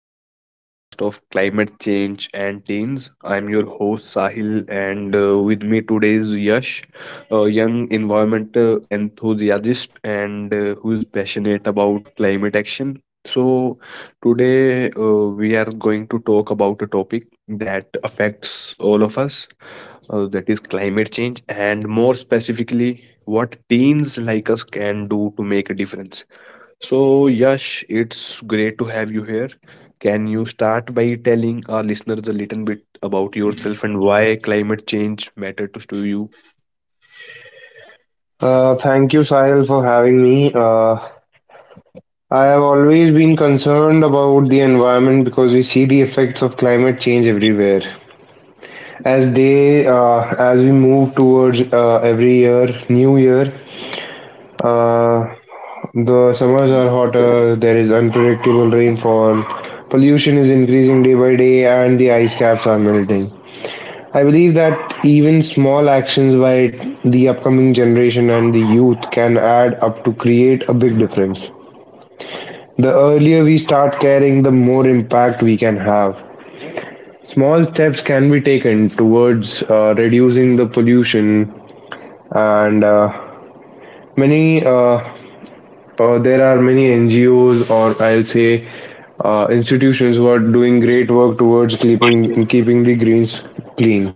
post podcast of climate change and teens. I'm your host Sahil, and with me today is Yash, a young environmental enthusiast and who is passionate about climate action. So, today we are going to talk about a topic that affects all of us, that is climate change, and more specifically, what teens like us can do to make a difference. So, Yash, it's great to have you here. Can you start by telling our listeners a little bit about yourself and why climate change matters to you? Thank you, Sahil, for having me. I have always been concerned about the environment because we see the effects of climate change everywhere. As we move towards every year, new year, uh, the summers are hotter. There is unpredictable rainfall. Pollution is increasing day by day, and the ice caps are melting. I believe that even small actions by the upcoming generation and the youth can add up to create a big difference. The earlier we start caring, the more impact we can have. Small steps can be taken towards reducing the pollution, and many there are many NGOs or I'll say institutions who are doing great work towards keeping the greens clean.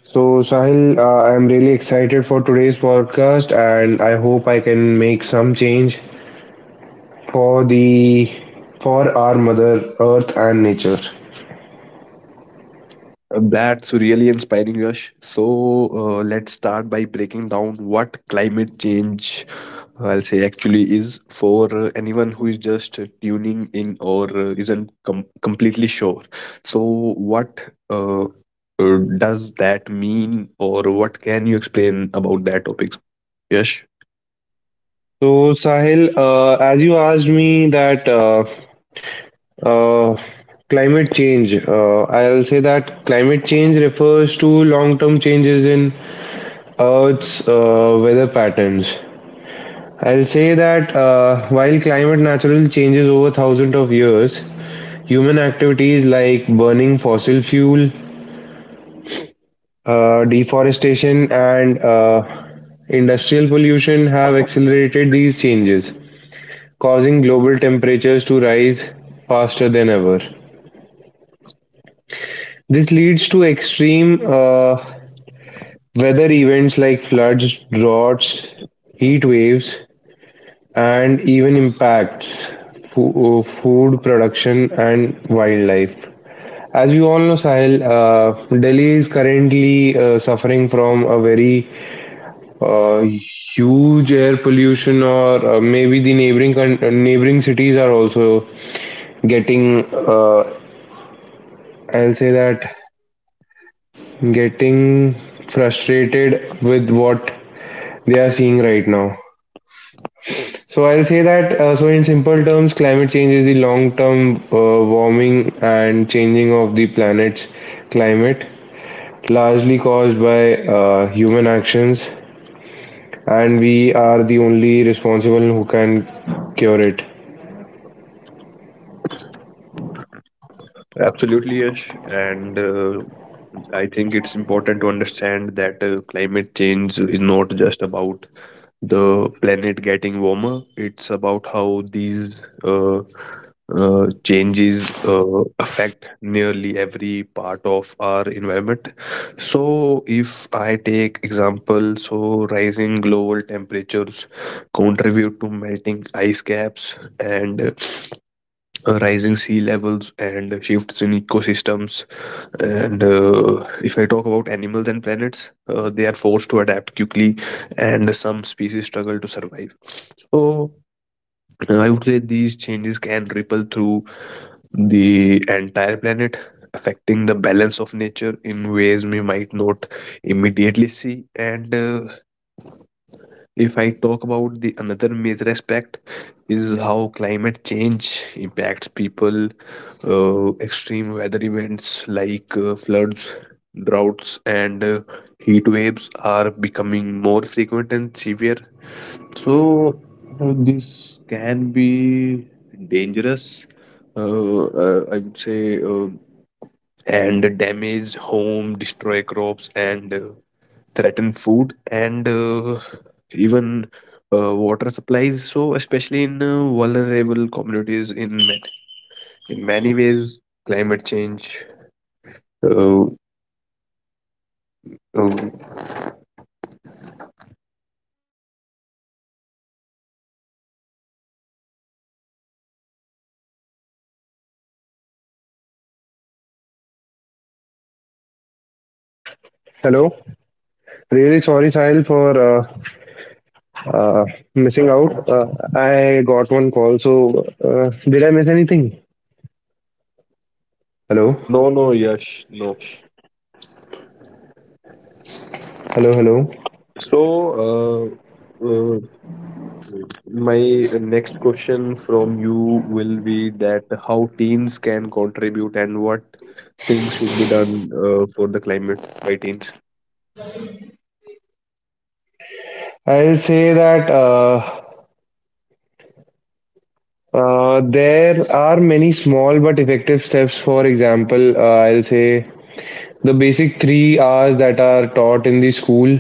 So, Sahil, I'm really excited for today's podcast, and I hope I can make some change for the for our Mother Earth and nature. So, That's really inspiring, Yash. So let's start by breaking down what climate change, I'll say, actually is for anyone who is just tuning in or isn't completely sure. So, what does that mean, or what can you explain about that topic? Yes, Sahil, as you asked me that uh, climate change, I'll say that climate change refers to long-term changes in Earth's weather patterns. I'll say that while climate naturally changes over thousands of years, human activities like burning fossil fuel, deforestation, and industrial pollution have accelerated these changes, causing global temperatures to rise faster than ever. This leads to extreme weather events like floods, droughts, heat waves, and even impacts food production and wildlife. As you all know, Sahil, Delhi is currently suffering from a very uh, huge air pollution, or maybe the neighboring cities are also getting. I'll say that getting frustrated with what they are seeing right now. So I'll say that. So in simple terms, climate change is the long-term warming and changing of the planet's climate, largely caused by human actions, and we are the only responsible who can cure it. absolutely, yes. And I think it's important to understand that climate change is not just about the planet getting warmer. It's about how these changes affect nearly every part of our environment. So, if I take example, so rising global temperatures contribute to melting ice caps and rising sea levels and shifts in ecosystems and if I talk about animals and planets, they are forced to adapt quickly, and some species struggle to survive. So I would say these changes can ripple through the entire planet, affecting the balance of nature in ways we might not immediately see. And if I talk about the another major aspect is how climate change impacts people, extreme weather events like floods, droughts, and heat waves are becoming more frequent and severe. So, this can be dangerous, I would say, and damage home, destroy crops, and threaten food and even water supplies. So, especially in vulnerable communities, in many ways, climate change uh, uh, Hello. Really sorry, Sahil, for uh, missing out. I got one call, so did I miss anything? Hello. No, no, Yash, no. Hello, hello. So, uh, uh, my next question from you will be that how teens can contribute and what things should be done for the climate by teens. I'll say that there are many small but effective steps. For example, I'll say the basic three R's that are taught in the school.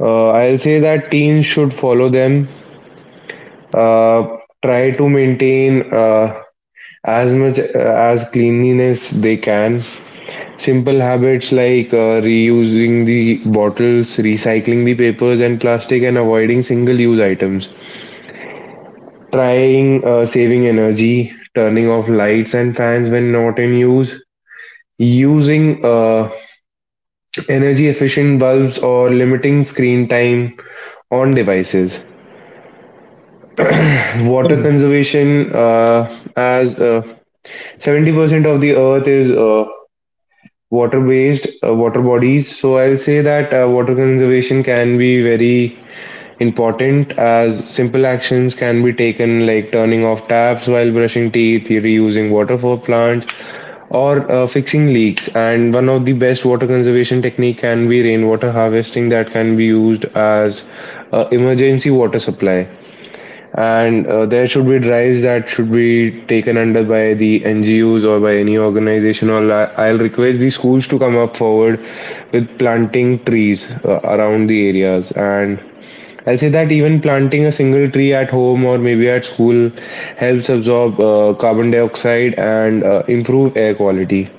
I'll say that teens should follow them. Uh, Try to maintain as much as cleanliness they can. Simple habits like reusing the bottles, recycling the papers and plastic, and avoiding single-use items. Trying saving energy, turning off lights and fans when not in use. Using energy-efficient bulbs or limiting screen time on devices. Water Mhm. conservation, as 70% of the earth is water bodies, so I'll say that water conservation can be very important, as simple actions can be taken like turning off taps while brushing teeth, reusing water for plants, or fixing leaks. And one of the best water conservation technique can be rainwater harvesting, that can be used as emergency water supply. And there should be drives that should be taken under by the NGOs or by any organization. I'll request the schools to come up forward with planting trees around the areas. And I'll say that even planting a single tree at home or maybe at school helps absorb carbon dioxide and improve air quality.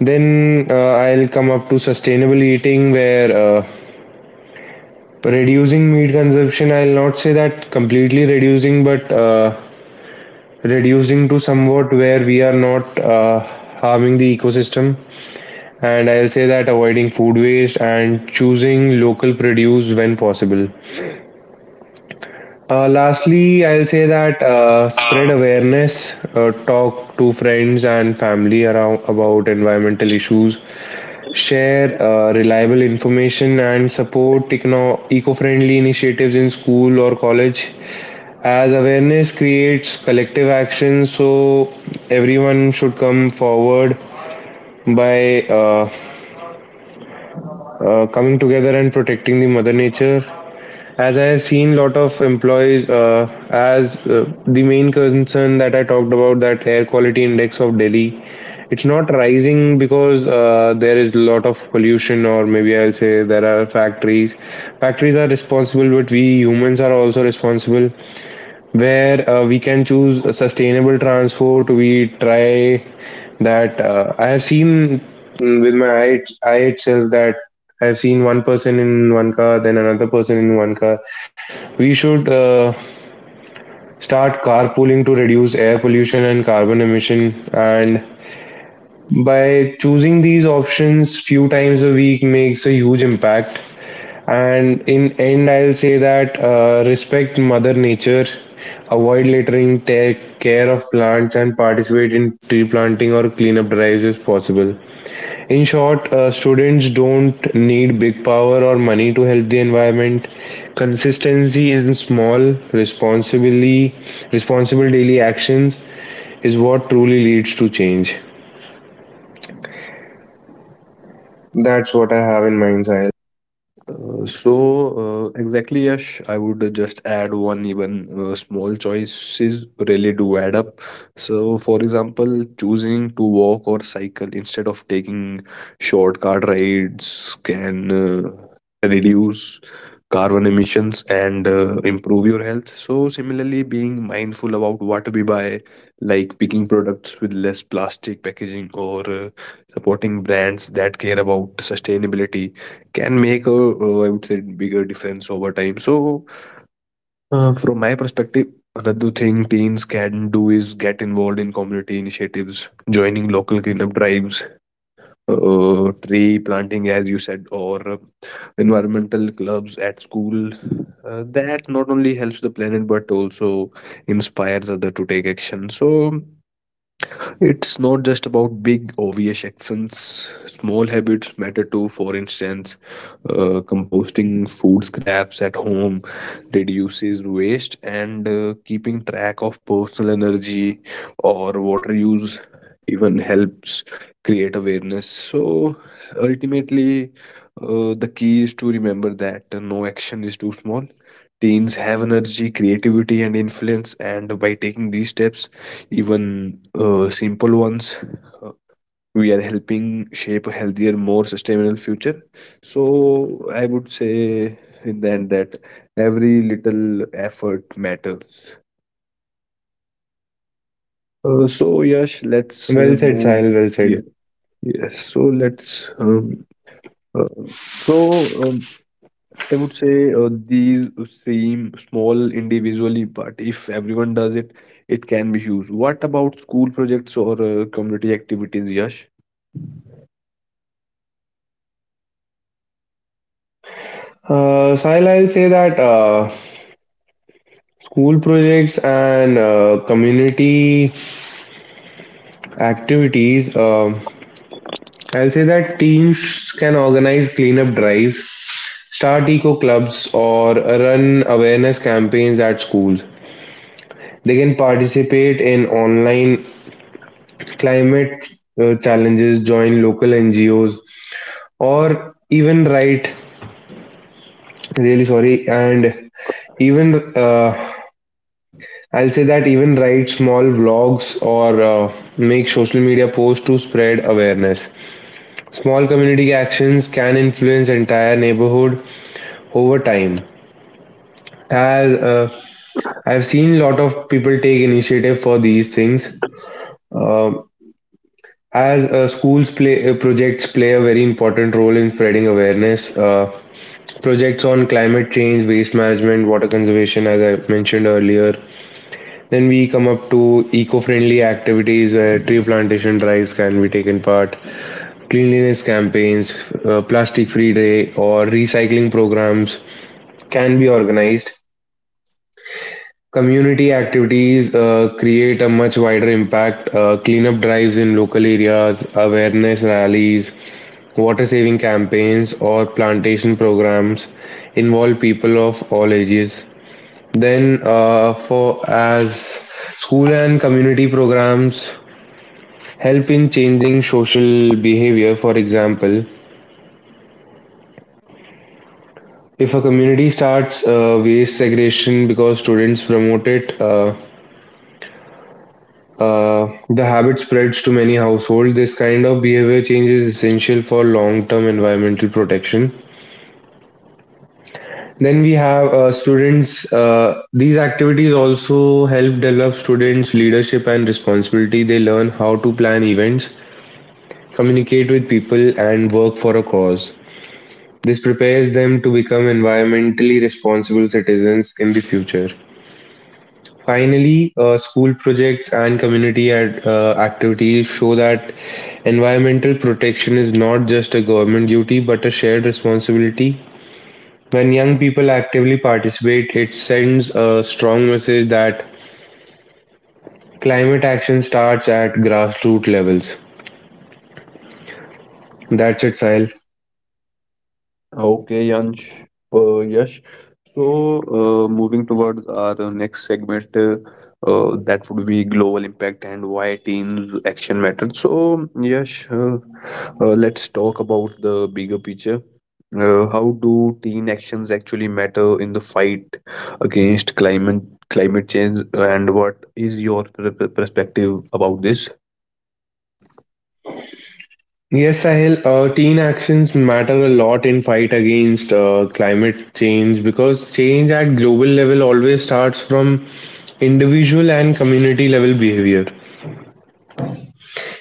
Then I'll come up to sustainable eating, where reducing meat consumption, I'll not say that completely reducing, but reducing to somewhat where we are not harming the ecosystem. And I'll say that avoiding food waste and choosing local produce when possible. Lastly, I'll say that spread awareness, talk to friends and family around about environmental issues, share reliable information, and support eco-friendly initiatives in school or college. As awareness creates collective action, so everyone should come forward by coming together and protecting the mother nature. As I have seen, lot of employees, as the main concern that I talked about, that air quality index of Delhi. It's not rising because there is a lot of pollution, or maybe I'll say there are factories. Factories are responsible, but we humans are also responsible, where we can choose a sustainable transport. We try that. I have seen, with my eye itself, that I have seen one person in one car, then another person in one car. We should start carpooling to reduce air pollution and carbon emission. And by choosing these options few times a week makes a huge impact. And in end, I'll say that respect Mother Nature, avoid littering, take care of plants, and participate in tree planting or cleanup drives if possible. In short, students don't need big power or money to help the environment. Consistency in small, responsibly, responsible daily actions is what truly leads to change. That's what I have in mind, Sahil. Uh, so exactly Yash, I would just add one even small choices really do add up. So for example, choosing to walk or cycle instead of taking shortcut rides can reduce carbon emissions and improve your health. So similarly, being mindful about what we buy, like picking products with less plastic packaging or supporting brands that care about sustainability can make a I would say bigger difference over time. So from my perspective, another thing teens can do is get involved in community initiatives, joining local cleanup drives, tree planting, as you said, or environmental clubs at school. That not only helps the planet but also inspires other to take action. So it's not just about big obvious actions. Small habits matter too. For instance, composting food scraps at home reduces waste, and keeping track of personal energy or water use even helps create awareness. So ultimately, the key is to remember that no action is too small. Teens have energy, creativity, and influence, and by taking these steps, even simple ones, uh, we are helping shape a healthier, more sustainable future. So I would say in that every little effort matters. So Yash, let's Well said, move. Sahil. Well said. Yeah. Yes. So let's. uh, so. Um, I would say these seem small individually, but if everyone does it, it can be huge. What about school projects or community activities, Yash? Sahil, I'll say that school projects and community activities. I'll say that teens can organize cleanup drives, start eco clubs, or run awareness campaigns at schools. They can participate in online climate challenges, join local NGOs, or even write, really sorry, and even uh, I'll say that even write small blogs or make social media posts to spread awareness. Small community actions can influence entire neighborhood over time. As I've seen a lot of people take initiative for these things. Um as schools play projects play a very important role in spreading awareness. Projects on climate change, waste management, water conservation, as I mentioned earlier. Then we come up to eco-friendly activities, where tree plantation drives can be taken part, cleanliness campaigns, plastic-free day, or recycling programs can be organized. Community activities create a much wider impact. Cleanup drives in local areas, awareness rallies, water saving campaigns, or plantation programs involve people of all ages. Then, for as school and community programs help in changing social behavior. For example, if a community starts waste segregation because students promote it, the habit spreads to many households. This kind of behavior change is essential for long term environmental protection. Then we have these activities also help develop students' leadership and responsibility. They learn how to plan events, communicate with people, and work for a cause. This prepares them to become environmentally responsible citizens in the future. Finally, school projects and community activities show that environmental protection is not just a government duty but a shared responsibility. When young people actively participate, it sends a strong message that climate action starts at grassroots levels. That's it, Sahil. Okay, Yash. So, moving towards our next segment, that would be global impact and why teams' action matters. So, Yash, let's talk about the bigger picture. How do team actions actually matter in the fight against climate change, and what is your perspective about this? Yes, Sahil, teen actions matter a lot in fight against climate change, because change at global level always starts from individual and community level behavior.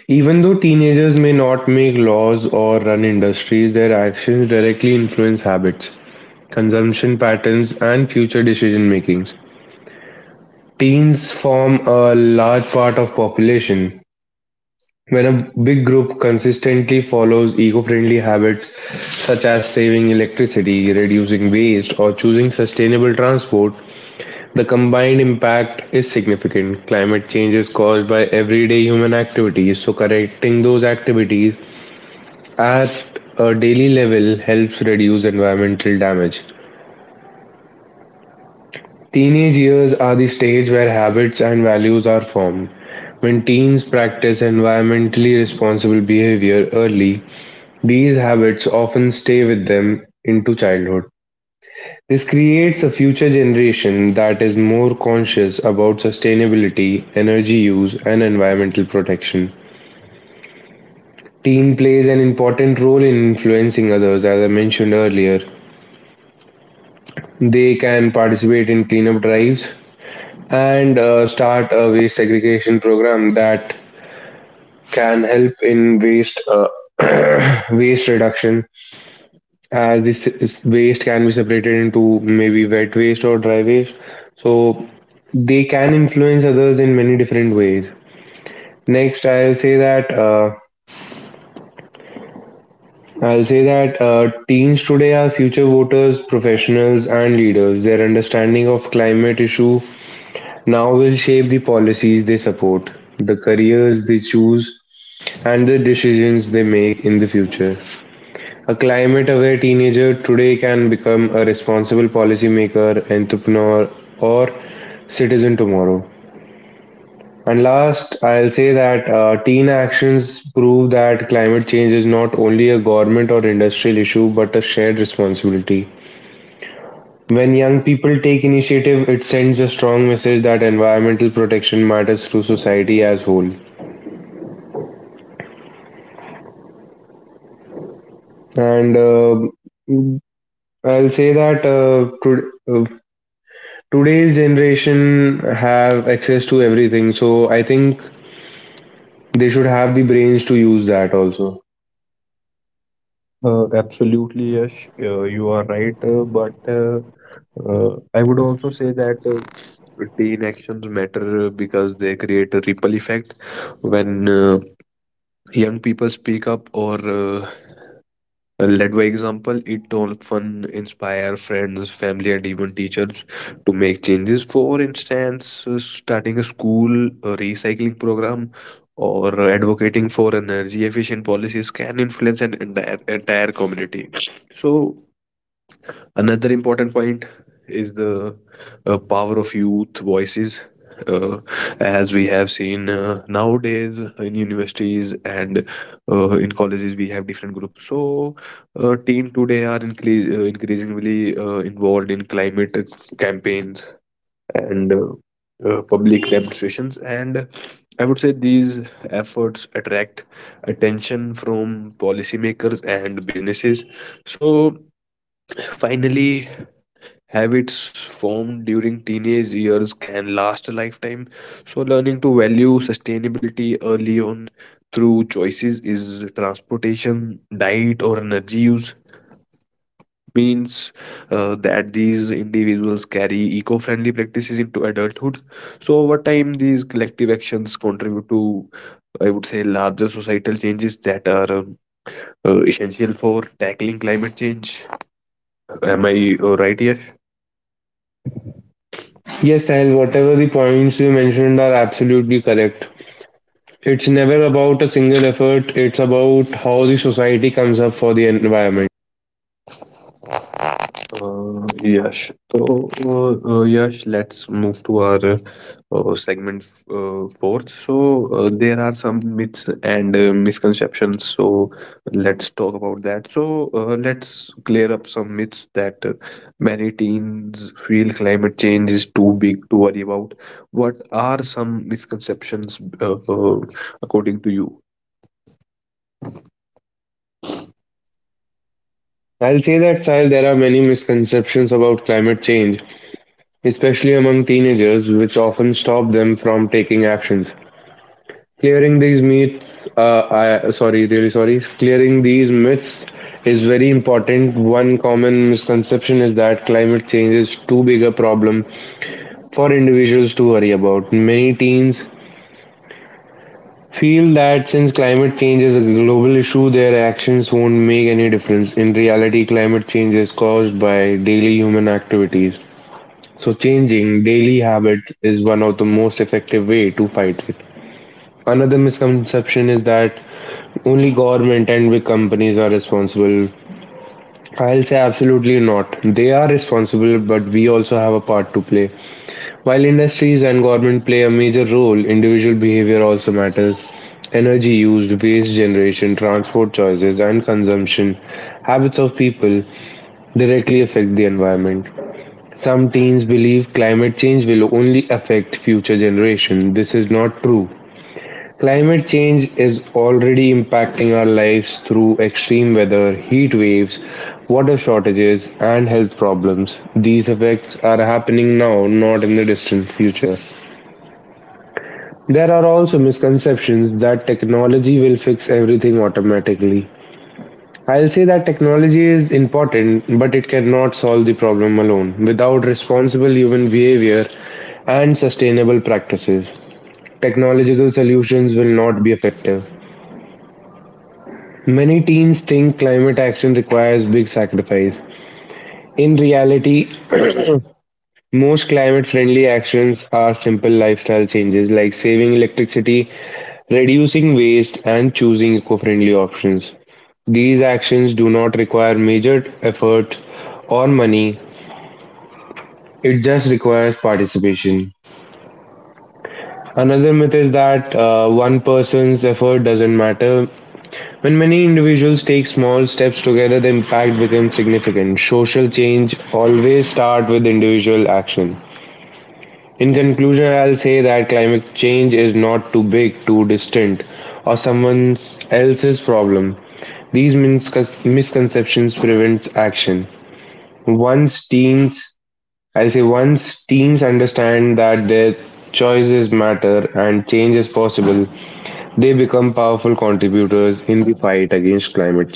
Even though teenagers may not make laws or run industries, their actions directly influence habits, consumption patterns, and future decision makings. Teens form a large part of population. When a big group consistently follows eco-friendly habits, such as saving electricity, reducing waste, or choosing sustainable transport, the combined impact is significant. Climate change is caused by everyday human activities, so correcting those activities at a daily level helps reduce environmental damage. Teenage years are the stage where habits and values are formed. When teens practice environmentally responsible behavior early, these habits often stay with them into childhood. This creates a future generation that is more conscious about sustainability, energy use, and environmental protection. Teen plays an important role in influencing others, as I mentioned earlier. They can participate in cleanup drives and start a waste segregation program that can help in waste waste reduction, as waste can be separated into maybe wet waste or dry waste, so they can influence others in many different ways. Next I'll say that Teens today are future voters, professionals, and leaders. Their understanding of climate issue now will shape the policies they support, the careers they choose, and the decisions they make in the future. A climate-aware teenager today can become a responsible policymaker, entrepreneur, or citizen tomorrow. And last, I'll say that teen actions prove that climate change is not only a government or industrial issue but a shared responsibility. When young people take initiative, it sends a strong message that environmental protection matters to society as whole. And I'll say that today's generation have access to everything, so I think they should have the brains to use that also. Absolutely, Yash, you are right. But I would also say that teen actions matter because they create a ripple effect. When young people speak up or Led by example, it often inspires friends, family, and even teachers to make changes. For instance, starting a school recycling program or advocating for energy efficient policies can influence an entire community. So, Another important point is the power of youth voices. Uh, as we have seen nowadays in universities and in colleges, we have different groups. So, teen today are increasingly involved in climate campaigns and public demonstrations. And I would say these efforts attract attention from policymakers and businesses. So, finally Habits formed during teenage years can last a lifetime, so learning to value sustainability early on through choices is transportation, diet, or energy use means that these individuals carry eco-friendly practices into adulthood. So over time, these collective actions contribute to, I would say, larger societal changes that are essential for tackling climate change. Am I right here? Yes, Sahil, whatever the points you mentioned are absolutely correct. It's never about a single effort. It's about how the society comes up for the environment. Yash. So, Yash, let's move to our segment fourth. So, there are some myths and misconceptions. So, let's talk about that. So, let's clear up some myths that many teens feel climate change is too big to worry about. What are some misconceptions according to you? I'll say that, Sahil, there are many misconceptions about climate change, especially among teenagers, which often stop them from taking actions. Clearing these myths, really sorry. Clearing these myths is very important. One common misconception is that climate change is too big a problem for individuals to worry about. Many teens feel that since climate change is a global issue, their actions won't make any difference. In reality, climate change is caused by daily human activities. So, changing daily habits is one of the most effective way to fight it. Another misconception is that only government and big companies are responsible. I'll say absolutely not. They are responsible, but we also have a part to play. While industries and government play a major role, individual behavior also matters. Energy used, waste generation, transport choices, and consumption habits of people directly affect the environment. Some teens believe climate change will only affect future generations. This is not true. Climate change is already impacting our lives through extreme weather, heat waves, water shortages, and health problems. These effects are happening now, not in the distant future. There are also misconceptions that technology will fix everything automatically. I'll say that technology is important, but it cannot solve the problem alone. Without responsible human behavior and sustainable practices, technological solutions will not be effective. Many teams think climate action requires big sacrifice. In reality, most climate-friendly actions are simple lifestyle changes like saving electricity, reducing waste, and choosing eco-friendly options. These actions do not require major effort or money. It just requires participation. Another myth is that one person's effort doesn't matter. When many individuals take small steps together, the impact becomes significant. Social change always starts with individual action. In conclusion, I'll say that climate change is not too big, too distant, or someone else's problem. These misconceptions prevents action. Once teens, I'll say once teens understand that their choices matter and change is possible, they become powerful contributors in the fight against climate.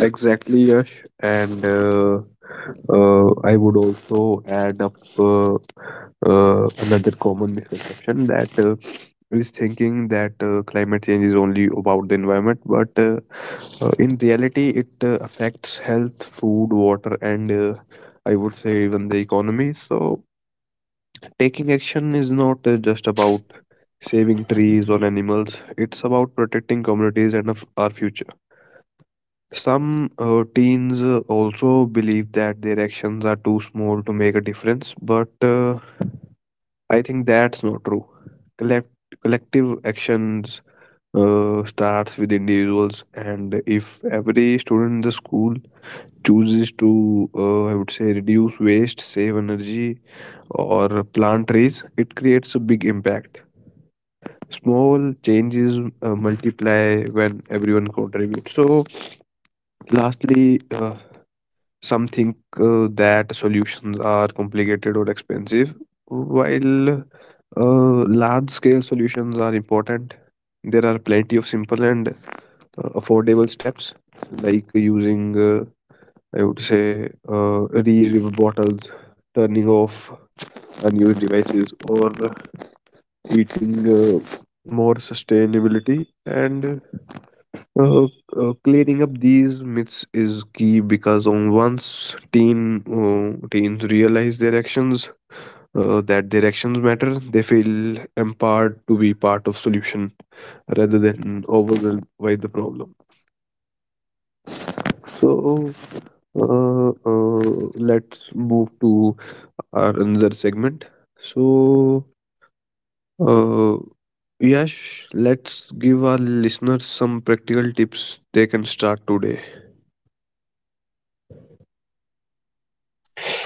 Exactly, Yash. And I would also add up another common misconception that is thinking that climate change is only about the environment, but in reality, it affects health, food, water, and I would say even the economy. So, taking action is not just about saving trees or animals, it's about protecting communities and of our future. Some teens also believe that their actions are too small to make a difference, but I think that's not true. Collect- collective actions starts with individuals, and if every student in the school chooses to, I would say, reduce waste, save energy, or plant trees, it creates a big impact. Small changes multiply when everyone contributes. So, lastly, some think that solutions are complicated or expensive, while large scale solutions are important. There are plenty of simple and affordable steps, like using, I would say, reusable bottles, turning off unused devices, or eating more sustainability and uh, clearing up these myths is key because on once teens realize their actions that their actions matter, they feel empowered to be part of solution rather than overwhelmed by the problem. So uh, uh, let's move to our another segment. So uh, Yash, let's give our listeners some practical tips they can start today.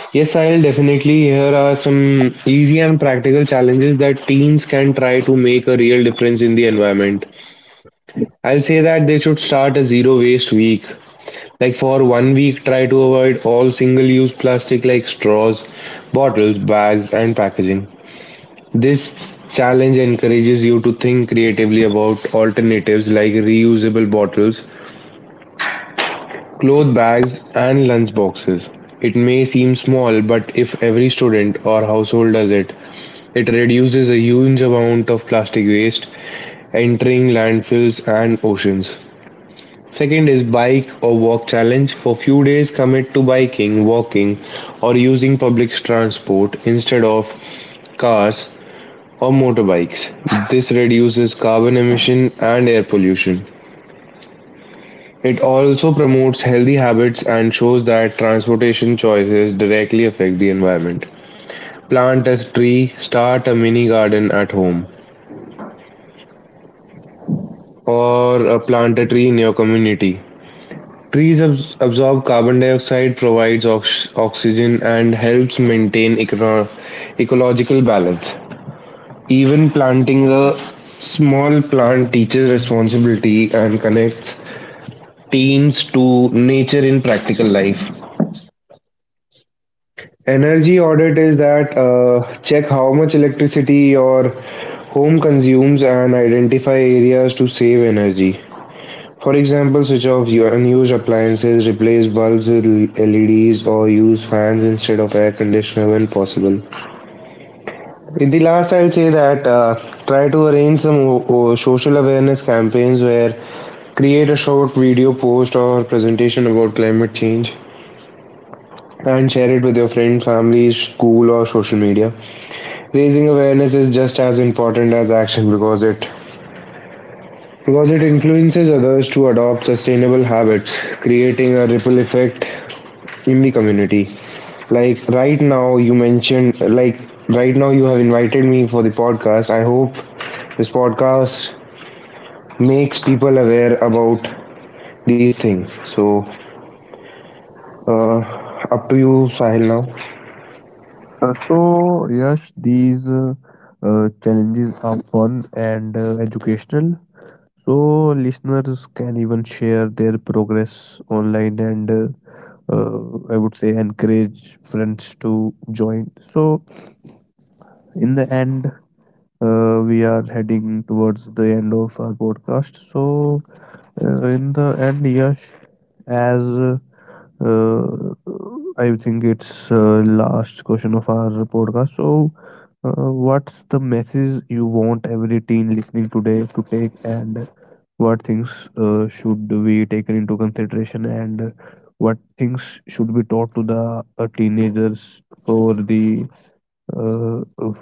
Yes, I'll definitely. Here are some easy and practical challenges that teens can try to make a real difference in the environment. I'll say that they should start a zero waste week. Like for 1 week, try to avoid all single use plastic like straws, bottles, bags, and packaging. This challenge encourages you to think creatively about alternatives like reusable bottles, cloth bags and lunch boxes. It may seem small, but if every student or household does it, it reduces a huge amount of plastic waste entering landfills and oceans. Second is bike or walk challenge. For few days, commit to biking, walking, or using public transport instead of cars or motorbikes. This reduces carbon emission and air pollution. It also promotes healthy habits and shows that transportation choices directly affect the environment. Plant a tree, start a mini garden at home, or plant a tree in your community. Trees absorb carbon dioxide, provides oxygen, and helps maintain ecological balance. Even planting a small plant teaches responsibility and connects teens to nature in practical life. Energy audit is that check how much electricity your home consumes and identify areas to save energy. For example, switch off your unused appliances, replace bulbs with LEDs, or use fans instead of air conditioner when possible. In the last, I'll say that try to arrange some social awareness campaigns where create a short video post or presentation about climate change and share it with your friends, family, school, or social media. Raising awareness is just as important as action because it influences others to adopt sustainable habits, creating a ripple effect in the community. Like right now you mentioned like right now you have invited me for the podcast. I hope this podcast makes people aware about these things. So uh, up to you, Sahil, now. So, yes, these challenges are fun and educational. So, listeners can even share their progress online and I would say encourage friends to join. So, in the end, we are heading towards the end of our podcast. So, in the end, yes. As uh, I think it's last question of our podcast. So, what's the message you want every teen listening today to take, and what things should be taken into consideration, and what things should be taught to the teenagers for the uh,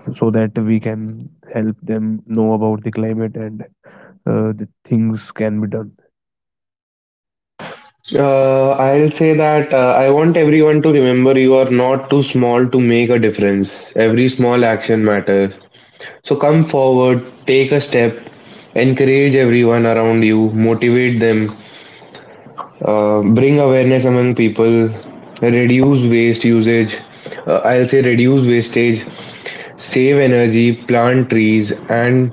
so that we can help them know about the climate and the things can be done. I'll say that I want everyone to remember you are not too small to make a difference. Every small action matters. So come forward, take a step, encourage everyone around you, motivate them, bring awareness among people, reduce waste usage. I'll say reduce wastage, save energy, plant trees, and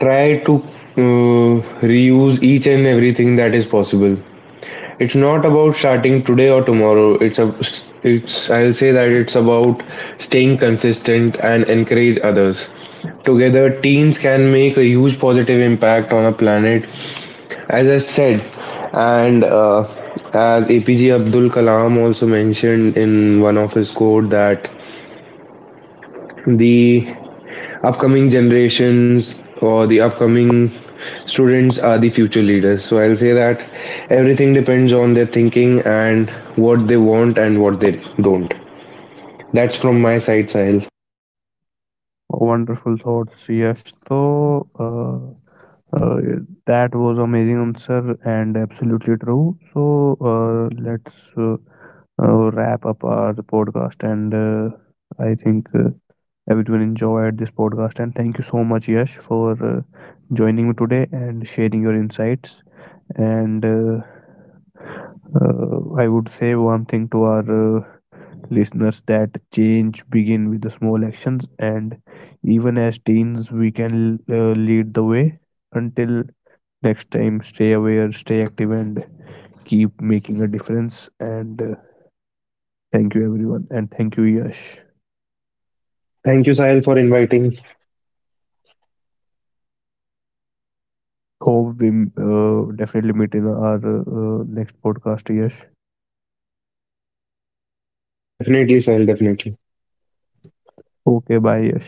try to uh, reuse each and everything that is possible. It's not about starting today or tomorrow. It's a, it's I'll say that it's about staying consistent and encourage others. Together, teens can make a huge positive impact on a planet, as I said, and as APJ Abdul Kalam also mentioned in one of his quote that the upcoming generations or the upcoming students are the future leaders. So I'll say that everything depends on their thinking and what they want and what they don't. That's from my side, Sahil. Wonderful thoughts, yes. So, that was amazing answer and absolutely true. So, let's wrap up our podcast. And I think everyone enjoyed this podcast. And thank you so much, Yash, for joining me today and sharing your insights. And I would say one thing to our listeners that change begin with the small actions and even as teens we can lead the way until next time stay aware stay active and keep making a difference and thank you everyone and thank you Yash, Thank you, Sahil, for inviting. hope we definitely meet in our next podcast Yash. Definitely, Sahil, definitely. Okay, bye Yash.